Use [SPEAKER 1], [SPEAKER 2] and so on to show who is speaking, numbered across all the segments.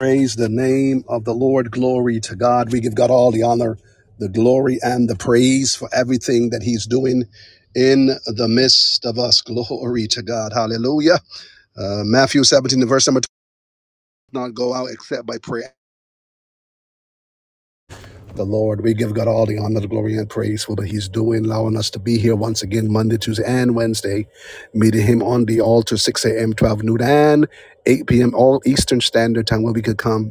[SPEAKER 1] Praise the name of the Lord. Glory to God. We give God all the honor, the glory, and the praise for everything that He's doing in the midst of us. Glory to God. Hallelujah. Uh, Matthew 17, the verse number 2. Not go out except by prayer. The Lord, we give God all the honor, the glory, and praise for what He's doing, allowing us to be here once again Monday, Tuesday, and Wednesday, meeting Him on the altar, 6 a.m., 12 noon, and 8 p.m., all Eastern Standard Time, where we could come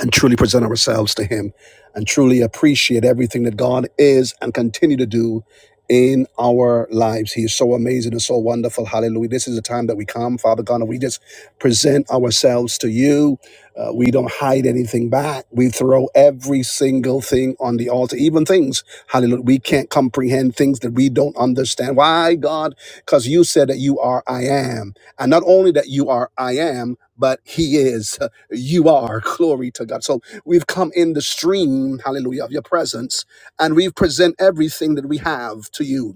[SPEAKER 1] and truly present ourselves to Him and truly appreciate everything that God is and continue to do in our lives. He is so amazing and so wonderful. Hallelujah. This is the time that we come, Father God, and we just present ourselves to you. Uh, we don't hide anything back. We throw every single thing on the altar, even things, hallelujah, we can't comprehend, things that we don't understand. Why, God? Because you said that you are I am. And not only that you are I am, but He is you are. Glory to God. So we've come in the stream, hallelujah, of your presence, and we present everything that we have to you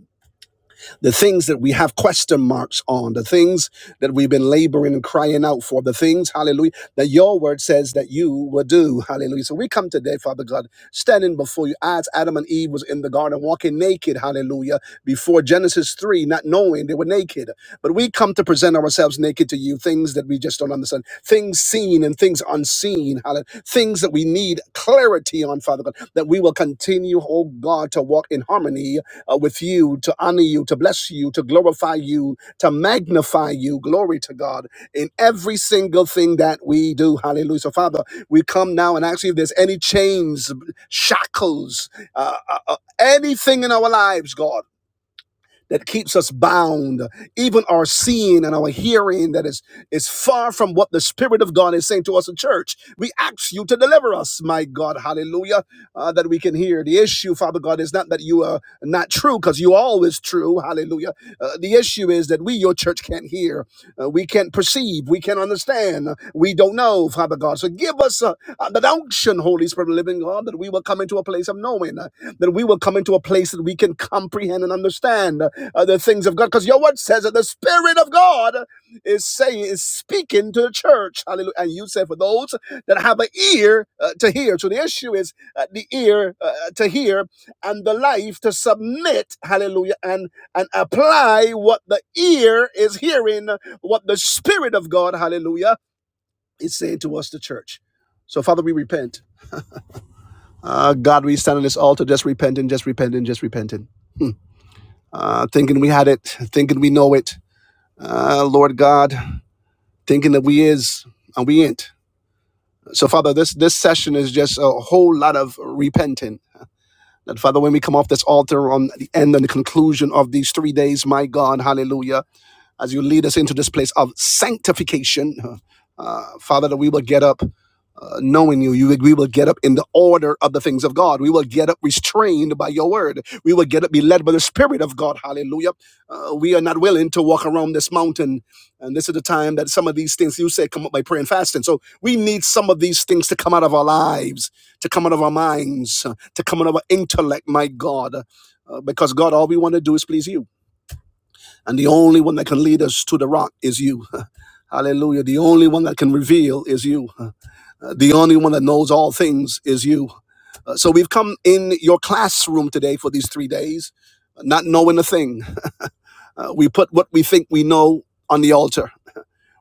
[SPEAKER 1] the things that we have question marks on, the things that we've been laboring and crying out for, the things, hallelujah, that your word says that you will do, hallelujah. So we come today, Father God, standing before you as Adam and Eve was in the garden, walking naked, hallelujah, before Genesis 3, not knowing they were naked. But we come to present ourselves naked to you, things that we just don't understand, things seen and things unseen, hallelujah, things that we need clarity on, Father God, that we will continue, oh God, to walk in harmony uh, with you, to honor you, to bless you, to glorify you, to magnify you. Glory to God in every single thing that we do. Hallelujah. So, Father, we come now and ask you if there's any chains, shackles, uh, uh, uh, anything in our lives, God that keeps us bound, even our seeing and our hearing that is, is far from what the Spirit of God is saying to us in church. We ask you to deliver us, my God, hallelujah, uh, that we can hear. The issue, Father God, is not that you are not true, because you're always true, hallelujah. Uh, the issue is that we, your church, can't hear, uh, we can't perceive, we can't understand, Uh, we don't know, Father God. So give us uh, uh, that unction, Holy Spirit, of living God, that we will come into a place of knowing, uh, that we will come into a place that we can comprehend and understand uh, the things of God. Because your word says that the Spirit of God is saying, is speaking to the church. Hallelujah. And you say for those that have an ear uh, to hear. So the issue is uh, the ear uh, to hear and the life to submit. Hallelujah. And, and apply what the ear is hearing, what the Spirit of God, hallelujah, is saying to us, the church. So, Father, we repent. Uh, God, we stand on this altar just repenting, just repenting, just repenting. Hmm. Uh, thinking we had it, thinking we know it, uh, Lord God, thinking that we is and we ain't. So, Father, this this session is just a whole lot of repenting. That Father, when we come off this altar on the end and the conclusion of these three days, my God, Hallelujah as you lead us into this place of sanctification. huh, Uh, Father, that we will get up uh, knowing you, you, we will get up in the order of the things of God. We will get up restrained by your word. We will get up, be led by the Spirit of God. Hallelujah. Uh, we are not willing to walk around this mountain. And this is the time that some of these things you said come up by prayer and fasting. So we need some of these things to come out of our lives, to come out of our minds, uh, to come out of our intellect, my God. Uh, because God, all we want to do is please you. And the only one that can lead us to the rock is you. Hallelujah. The only one that can reveal is you. Uh, The only one that knows all things is you. Uh, So we've come in your classroom today for these three days, uh, not knowing a thing. Uh, We put what we think we know on the altar.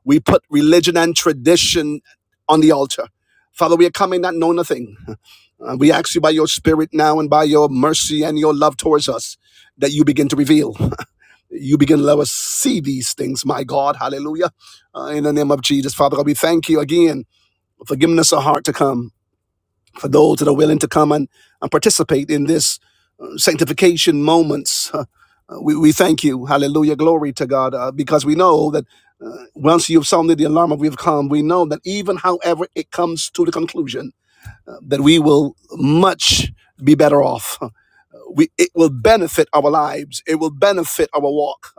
[SPEAKER 1] We put religion and tradition on the altar. Father, we are coming not knowing a thing. Uh, we ask you by your spirit now and by your mercy and your love towards us that you begin to reveal you begin to let us see these things, my God. Hallelujah. Uh, in the name of Jesus, Father God, we thank you again for giving us a heart to come, for those that are willing to come and, and participate in this uh, sanctification moments. Uh, uh, we, we thank you. Hallelujah. Glory to God. Uh, because we know that uh, once you've sounded the alarm of we've come, we know that even however it comes to the conclusion, uh, that we will much be better off we it will benefit our lives it will benefit our walk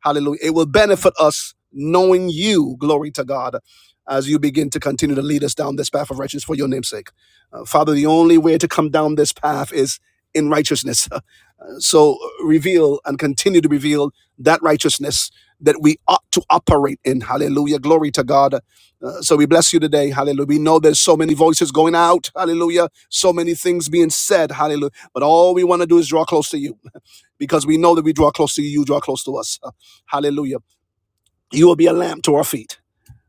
[SPEAKER 1] hallelujah it will benefit us knowing you glory to god as you begin to continue to lead us down this path of righteousness for your name's sake Uh, father the only way to come down this path is in righteousness Uh, so uh, reveal and continue to reveal that righteousness that we ought to operate in hallelujah glory to god Uh, so we bless you today hallelujah we know there's so many voices going out hallelujah so many things being said hallelujah but all we want to do is draw close to you because we know that we draw close to you, you draw close to us. Hallelujah. You will be a lamp to our feet.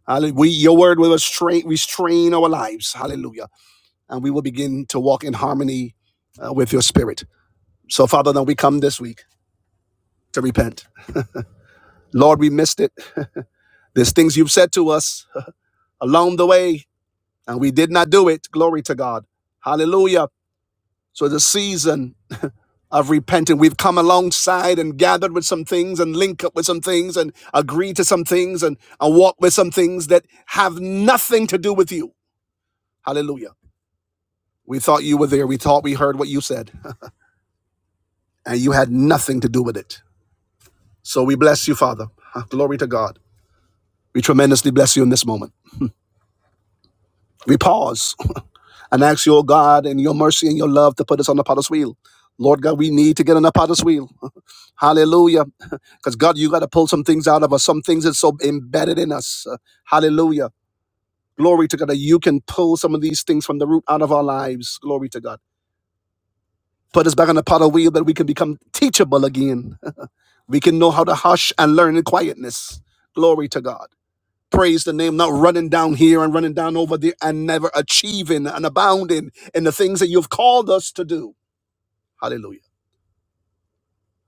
[SPEAKER 1] Hallelujah. We, your word will restrain, restrain our lives. Hallelujah. And we will begin to walk in harmony uh, with your spirit. So, Father, now we come this week to repent. Lord, we missed it. There's things you've said to us along the way, and we did not do it. Glory to God. Hallelujah. So, the season. of repenting. We've come alongside and gathered with some things and link up with some things and agree to some things and, and walk with some things that have nothing to do with you. Hallelujah. We thought you were there. We thought we heard what you said, and you had nothing to do with it. So we bless you, Father. Glory to God. We tremendously bless you in this moment. We pause. and ask you, oh God, in your mercy and your love to put us on the potter's wheel. Lord God, we need to get on the potter's wheel. Hallelujah. Because God, you got to pull some things out of us. Some things that's so embedded in us. Uh, Hallelujah. Glory to God that you can pull some of these things from the root out of our lives. Glory to God. Put us back on the potter's wheel that we can become teachable again. We can know how to hush and learn in quietness. Glory to God. Praise the name, not running down here and running down over there and never achieving and abounding in the things that you've called us to do. Hallelujah.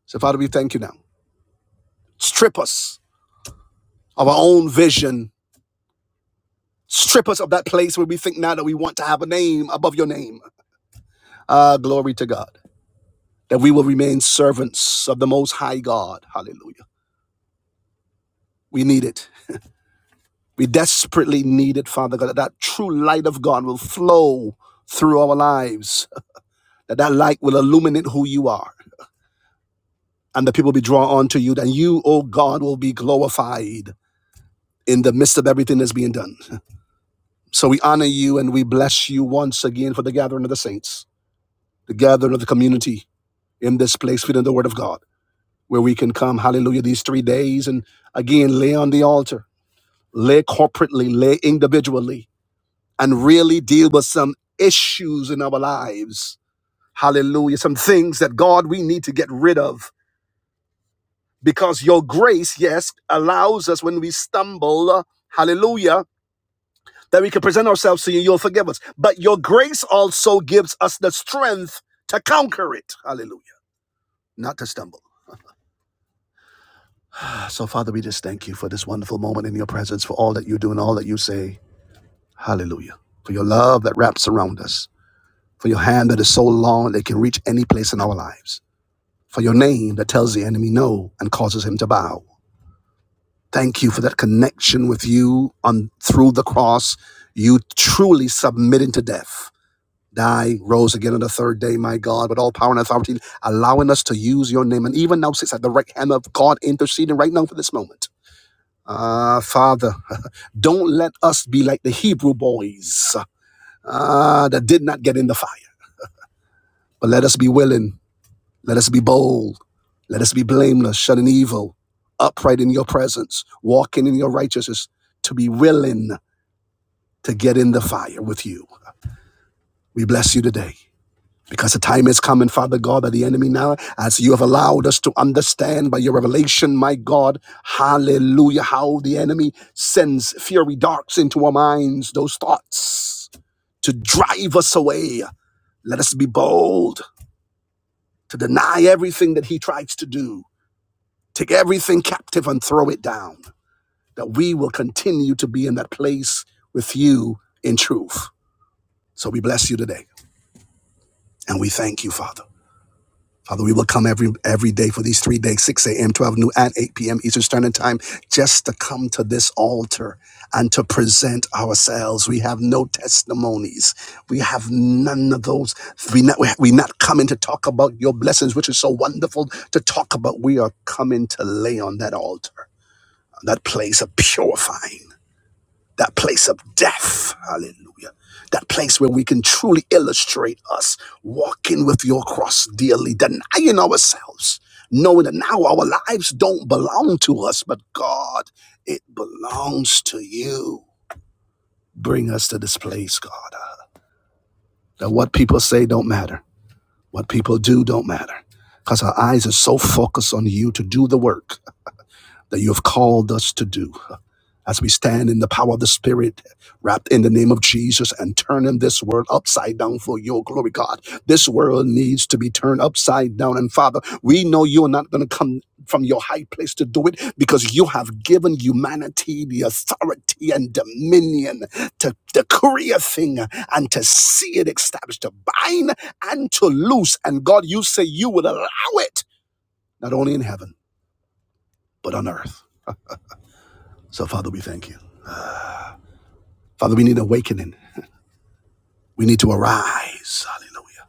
[SPEAKER 1] So, Father, we thank you now. Strip us of our own vision. Strip us of that place where we think now that we want to have a name above your name. Ah, glory to God. That we will remain servants of the Most High God. Hallelujah. We need it. We desperately need it, Father God, that that true light of God will flow through our lives, that that light will illuminate who you are, and the people be drawn on to you, and you, oh God, will be glorified in the midst of everything that's being done. So we honor you and we bless you once again for the gathering of the saints, the gathering of the community in this place, feeding the word of God, where we can come, hallelujah, these three days and again lay on the altar, lay corporately, lay individually, and really deal with some issues in our lives. Hallelujah. Some things that God we need to get rid of because your grace, yes, allows us when we stumble, uh, hallelujah that we can present ourselves to you, you'll forgive us. But your grace also gives us the strength to conquer it. Hallelujah. Not to stumble. Ah, So, Father, we just thank you for this wonderful moment in your presence, for all that you do and all that you say. Hallelujah. For your love that wraps around us, for your hand that is so long that it can reach any place in our lives, for your name that tells the enemy no and causes him to bow. Thank you for that connection with you on through the cross, you truly submitting to death die, rose again on the third day, my God, with all power and authority, allowing us to use your name. And even now sits at the right hand of God, interceding right now for this moment. Ah, Father, don't let us be like the Hebrew boys ah, that did not get in the fire. But let us be willing, let us be bold, let us be blameless, shunning evil, upright in your presence, walking in your righteousness, to be willing to get in the fire with you. We bless you today. Because the time is coming, Father God, that the enemy now, as you have allowed us to understand by your revelation, my God, hallelujah, how the enemy sends fiery darts into our minds, those thoughts to drive us away. Let us be bold to deny everything that he tries to do, take everything captive and throw it down, that we will continue to be in that place with you in truth. So we bless you today and we thank you, Father. Father, we will come every every day for these three days, 6 a.m., 12 noon, and 8 p.m. Eastern Standard Time, just to come to this altar and to present ourselves. We have no testimonies. We have none of those. We not we not coming to talk about your blessings, which is so wonderful to talk about. We are coming to lay on that altar, that place of purifying that place of death. Hallelujah. That place where we can truly illustrate us walking with your cross dearly, denying ourselves, knowing that now our lives don't belong to us, but God, it belongs to you. Bring us to this place, God, that what people say don't matter, what people do don't matter, because our eyes are so focused on you to do the work that you have called us to do. as we stand in the power of the Spirit, wrapped in the name of Jesus, and turning this world upside down for your glory, God. This world needs to be turned upside down. And Father, we know you're not going to come from your high place to do it because you have given humanity the authority and dominion to decree a thing and to see it established, to bind and to loose. And God, you say you would allow it, not only in heaven, but on earth. So, Father, we thank you. Father, we need awakening. We need to arise. Hallelujah.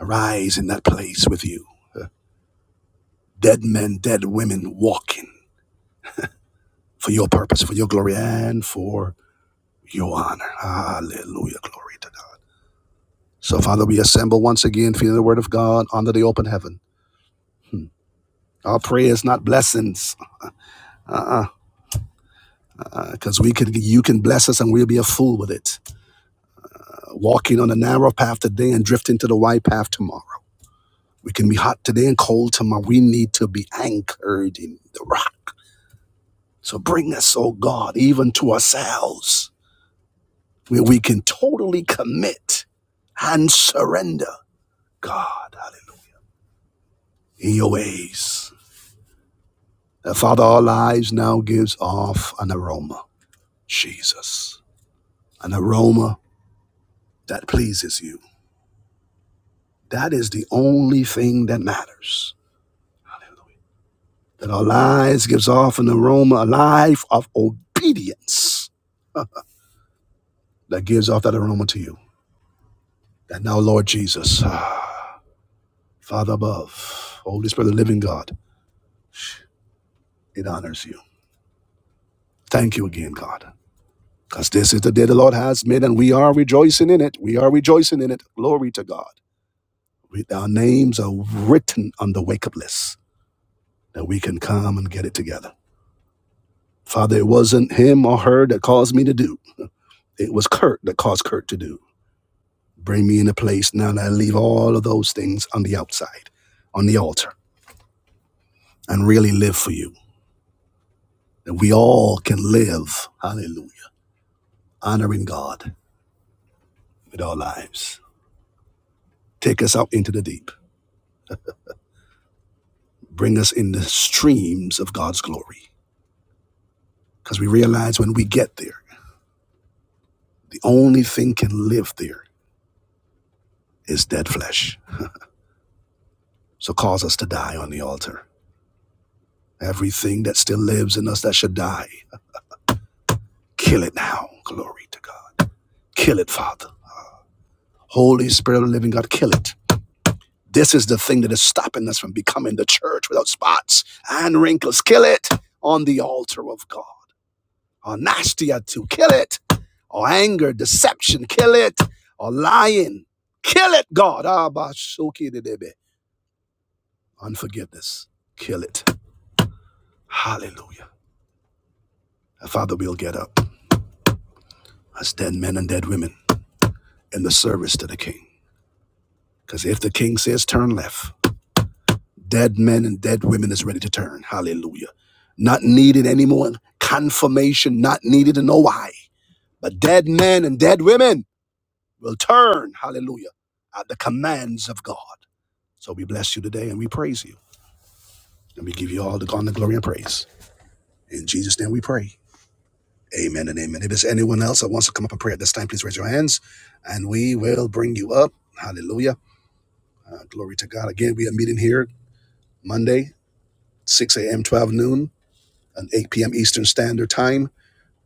[SPEAKER 1] Arise in that place with you. Dead men, dead women walking for your purpose, for your glory, and for your honor. Hallelujah. Glory to God. So, Father, we assemble once again, feeling the word of God under the open heaven. Hmm. Our prayer is not blessings, uh-uh, uh because uh-uh. we can, you can bless us, and we'll be a fool with it. Uh, walking on the narrow path today and drifting to the wide path tomorrow. We can be hot today and cold tomorrow. We need to be anchored in the rock. So bring us, oh God, even to ourselves where we can totally commit and surrender, God, hallelujah, in your ways. And Father, our lives now gives off an aroma, Jesus, an aroma that pleases you. That is the only thing that matters. Hallelujah. That our lives gives off an aroma, a life of obedience that gives off that aroma to you. And now, Lord Jesus. uh, Father above, Holy Spirit, the living God, it honors you. Thank you again, God, because this is the day the Lord has made, and we are rejoicing in it. We are rejoicing in it. Glory to God. We, our names are written on the wake up list that we can come and get it together. Father, it wasn't him or her that caused me to do, it was Kurt that caused Kurt to do. Bring me in a place now that I leave all of those things on the outside, on the altar, and really live for you. That we all can live, hallelujah, honoring God with our lives. Take us out into the deep. Bring us in the streams of God's glory. Because we realize when we get there, the only thing can live there is dead flesh. So cause us to die on the altar. Everything that still lives in us that should die, kill it now. Glory to God. Kill it, Father. Holy Spirit of the living God, kill it. This is the thing that is stopping us from becoming the church without spots and wrinkles. Kill it on the altar of God. or nasty or two. Kill it. Or anger, deception. Kill it. Or lying. Kill it, God. Abba, shoki debe. Unforgiveness. Kill it. Hallelujah. And Father, we'll get up as dead men and dead women in the service to the King. Because if the King says turn left, dead men and dead women is ready to turn. Hallelujah. Not needed anymore. Confirmation, not needed to know why. But dead men and dead women will turn. Hallelujah at the commands of God. So we bless you today and we praise you. And we give you all the honor, glory, and praise. In Jesus' name we pray. Amen and amen. If there's anyone else that wants to come up and pray at this time, please raise your hands and we will bring you up. Hallelujah. Uh, glory to God. Again, we are meeting here Monday, 6 a.m., 12 noon, and 8 p.m. Eastern Standard Time.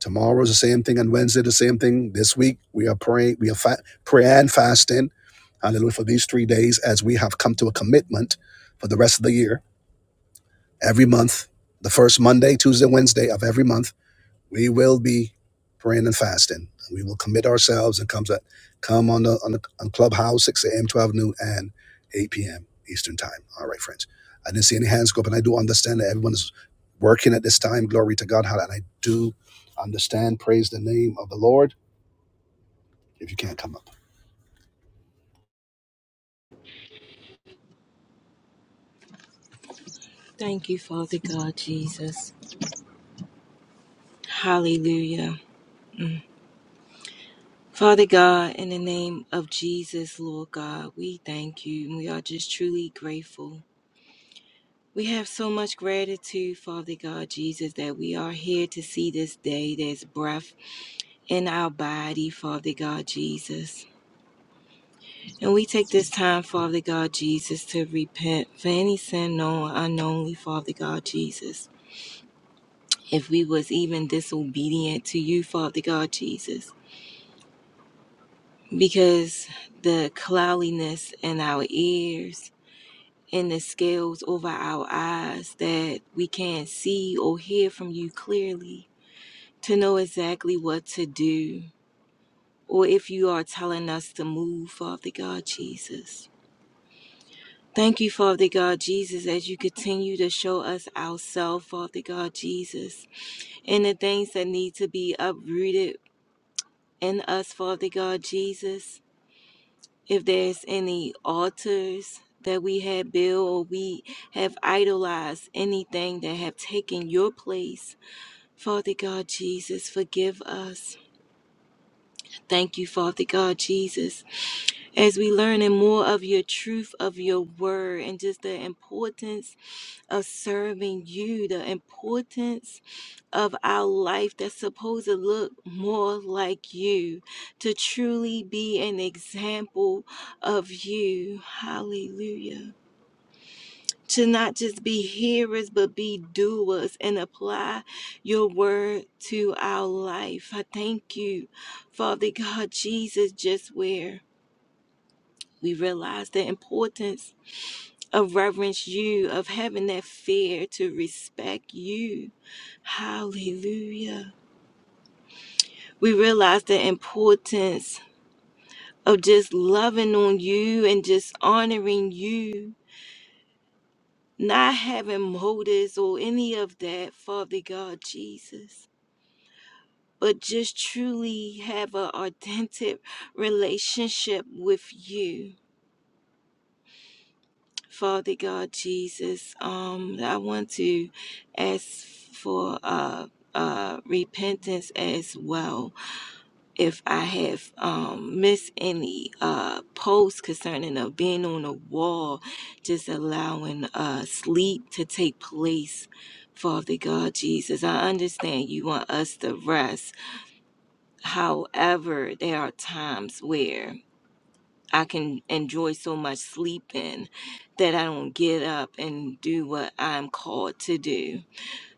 [SPEAKER 1] Tomorrow's the same thing, and Wednesday the same thing. This week we are praying, we are fa- prayer and fasting. Hallelujah for these three days as we have come to a commitment for the rest of the year every month, the first Monday, Tuesday, Wednesday of every month, we will be praying and fasting. We will commit ourselves and come to, come on the on the on Clubhouse, 6 a.m., 12 noon, and 8 p.m. Eastern time. All right, friends. I didn't see any hands go up, and I do understand that everyone is working at this time. Glory to God. Hallelujah. And I do understand. Praise the name of the Lord. If you can't come up.
[SPEAKER 2] Thank you, Father God, Jesus. Hallelujah. Father God, in the name of Jesus, Lord God, we thank you and we are just truly grateful. We have so much gratitude, Father God, Jesus, that we are here to see this day. There's breath in our body, Father God, Jesus. And we take this time, Father God, Jesus, to repent for any sin known or unknownly, Father God, Jesus. If we was even disobedient to you, Father God, Jesus. because the cloudiness in our ears and the scales over our eyes that we can't see or hear from you clearly to know exactly what to do or if you are telling us to move, Father God Jesus. Thank you, Father God Jesus, as you continue to show us ourselves, Father God Jesus, and the things that need to be uprooted in us, Father God Jesus if there's any altars that we had built or we have idolized anything that have taken your place father god jesus forgive us thank you father god jesus as we learn and more of your truth of your word and just the importance of serving you the importance of our life that's supposed to look more like you, to truly be an example of you. Hallelujah. To not just be hearers, but be doers and apply your word to our life. I thank you, Father God, Jesus, just where we realize the importance of reverence you, of having that fear to respect you. Hallelujah. we realize the importance of just loving on you and just honoring you, not having motives or any of that, Father God Jesus, but just truly have an authentic relationship with you. Father God Jesus, um, I want to ask for uh, uh, repentance as well if I have um, missed any uh, posts concerning of being on a wall, just allowing uh, sleep to take place. Father God, Jesus, I understand you want us to rest. However, there are times where I can enjoy so much sleeping that I don't get up and do what I'm called to do.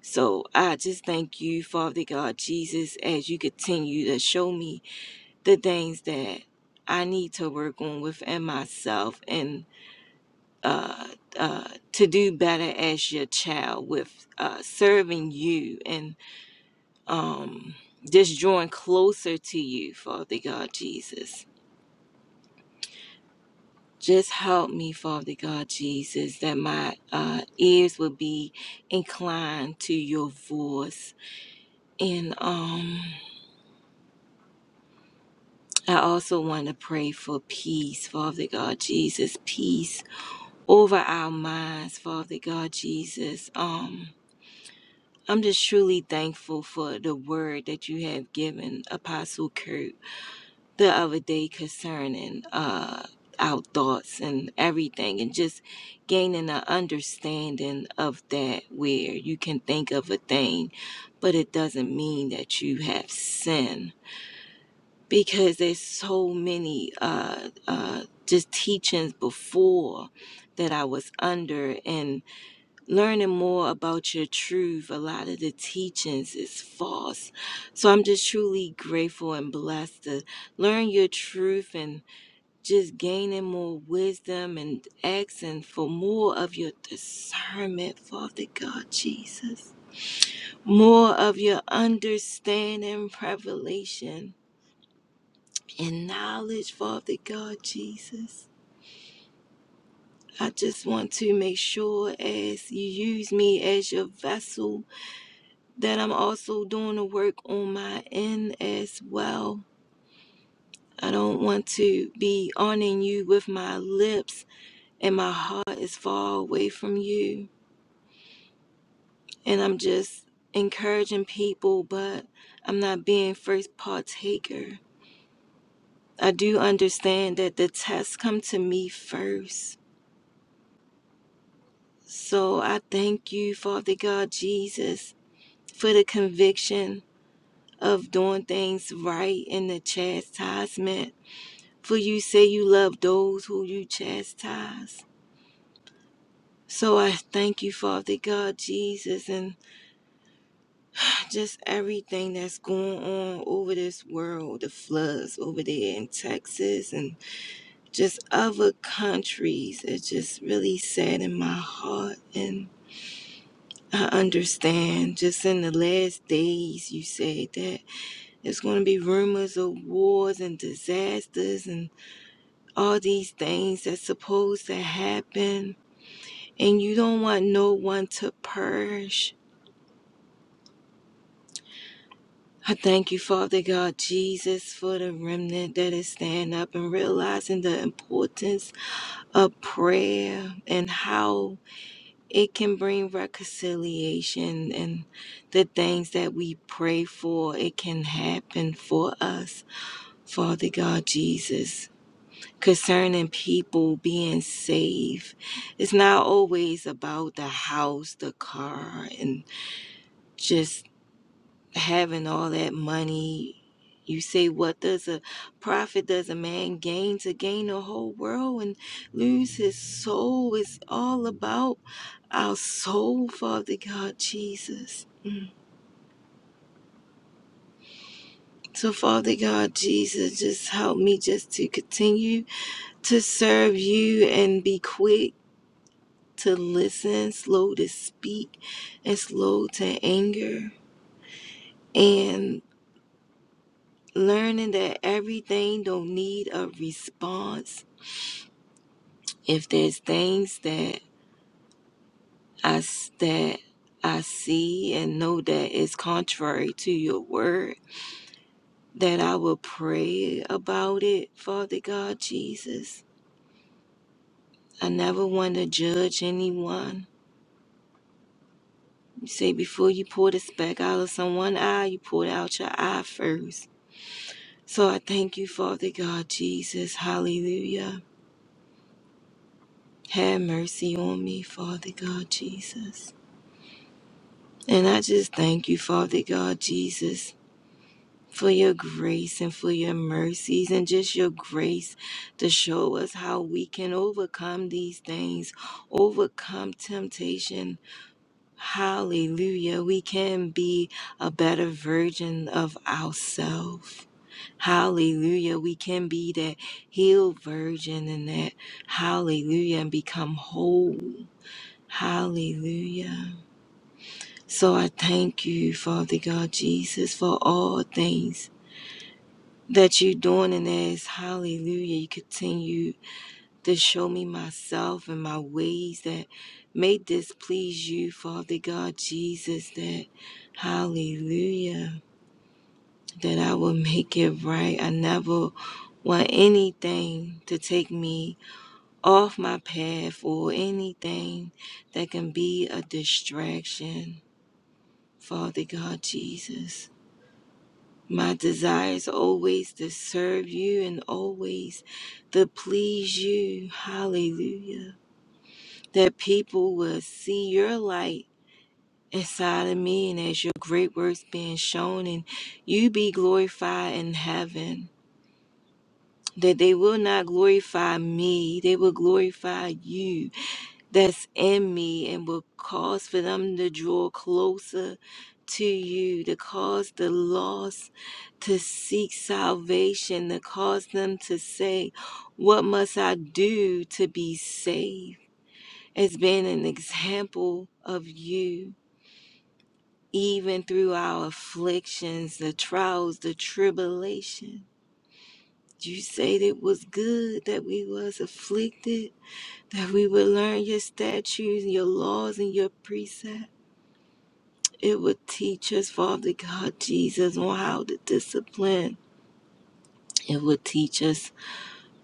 [SPEAKER 2] So I just thank you, Father God, Jesus, as you continue to show me the things that I need to work on within myself and uh, uh, to do better as your child with uh, serving you and um, just drawing closer to you, Father God Jesus. Just help me, Father God Jesus, that my uh, ears will be inclined to your voice. And um, I also want to pray for peace, Father God Jesus, peace over our minds, Father God Jesus. Um, I'm just truly thankful for the word that you have given Apostle Kurt the other day concerning uh our thoughts and everything and just gaining an understanding of that where you can think of a thing but it doesn't mean that you have sin because there's so many uh uh just teachings before that I was under and learning more about your truth. A lot of the teachings is false. So I'm just truly grateful and blessed to learn your truth and just gaining more wisdom and asking for more of your discernment, Father God Jesus. More of your understanding, revelation, and knowledge, Father God Jesus. I just want to make sure as you use me as your vessel that I'm also doing the work on my end as well. I don't want to be honoring you with my lips, and my heart is far away from you. And I'm just encouraging people, but I'm not being first partaker. I do understand that the tests come to me first. So I thank you, Father God Jesus, for the conviction of doing things right and the chastisement For you say you love those who you chastise. So I thank you, Father God, Jesus, and just everything that's going on over this world, the floods over there in Texas and just other countries. It just really sad in my heart. And I understand just in the last days, you said that there's going to be rumors of wars and disasters and all these things that's supposed to happen and you don't want no one to purge. I thank you, Father God Jesus, for the remnant that is standing up and realizing the importance of prayer and how it can bring reconciliation and the things that we pray for, it can happen for us, Father God Jesus. Concerning people being saved, it's not always about the house, the car, and just having all that money. You say, what does a profit does a man gain to gain the whole world and lose his soul? It's all about our soul, Father God Jesus. Mm. So, Father God Jesus, just help me just to continue to serve you and be quick to listen, slow to speak, and slow to anger. And learning that everything don't need a response if there's things that I s- that I see and know that is contrary to your word, that I will pray about it, Father God Jesus. I never want to judge anyone. You say before you pour the speck out of someone's eye, you pour it out your eye first. So I thank you, Father God Jesus. Hallelujah. Have mercy on me, Father God Jesus. And I just thank you, Father God Jesus for your grace and for your mercies and just your grace to show us how we can overcome these things, overcome temptation. Hallelujah. We can be a better version of ourselves. Hallelujah. We can be that healed virgin and that hallelujah and become whole. Hallelujah. So I thank you, Father God Jesus, for all things. that you're doing in this. Hallelujah. You continue to show me myself and my ways that may displease you, Father God Jesus, that hallelujah, that I will make it right. I never want anything to take me off my path or anything that can be a distraction. Father God Jesus. My desire is always to serve you and always to please you. Hallelujah. That people will see your light inside of me and as your great works being shown and you be glorified in heaven. That they will not glorify me, they will glorify you that's in me and will cause for them to draw closer to you, to cause the lost to seek salvation, to cause them to say, What must I do to be saved? It's been an example of you, even through our afflictions, the trials, the tribulation. You said it was good that we was afflicted, that we would learn your statutes, your laws, and your precepts. It would teach us, Father God Jesus, on how to discipline. It would teach us,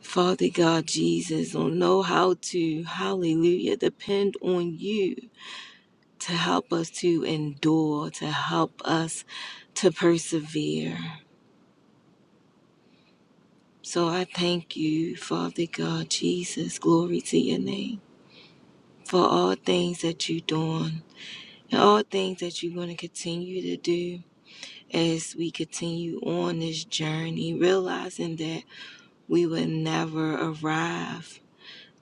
[SPEAKER 2] Father God Jesus, on know how to, hallelujah, depend on you to help us to endure, to help us to persevere. So I thank you, Father God Jesus. Glory to your name for all things that you're doing and all things that you're going to continue to do as we continue on this journey, realizing that. we would never arrive.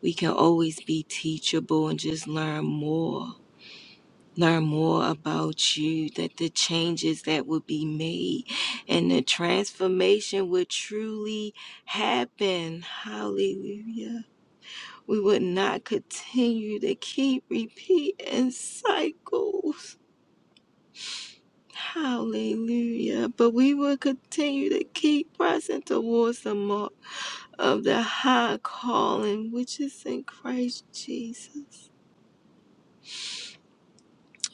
[SPEAKER 2] We can always be teachable and just learn more. Learn more about you, that the changes that would be made and the transformation would truly happen. Hallelujah. We would not continue to keep repeating cycles. Hallelujah. But we will continue to keep pressing towards the mark of the high calling which is in Christ Jesus.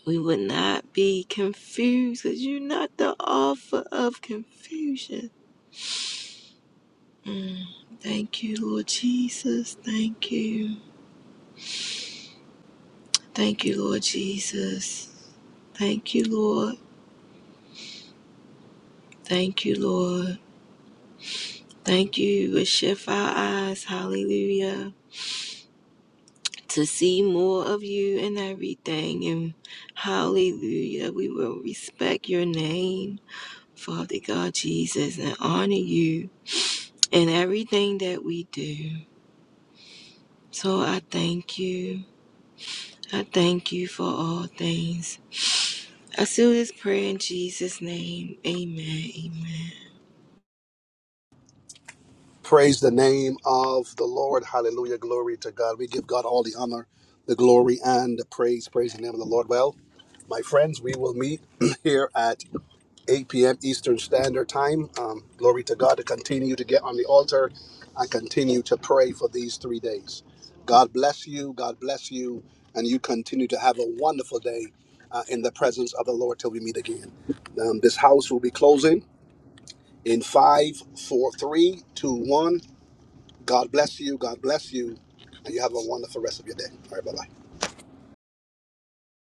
[SPEAKER 2] We would not be confused because you're not the author of confusion. Mm. Thank you, Lord Jesus. Thank you. Thank you, Lord Jesus. Thank you, Lord. Thank you, Lord. Thank you. We shift our eyes, hallelujah, to see more of you in everything. And hallelujah, we will respect your name. Father God Jesus, and honor you in everything that we do. So I thank you. I thank you for all things. I seal this prayer in Jesus' name. Amen. Amen.
[SPEAKER 1] Praise the name of the Lord. Hallelujah. Glory to God. We give God all the honor, the glory, and the praise. Praise the name of the Lord. Well, my friends, we will meet here at 8 p.m. Eastern Standard Time. Um, glory to God to continue to get on the altar and continue to pray for these three days. God bless you. God bless you. And you continue to have a wonderful day uh, in the presence of the Lord till we meet again. Um, this house will be closing in five, four, three, two, one. God bless you. God bless you. And you have a wonderful rest of your day. All right, bye bye.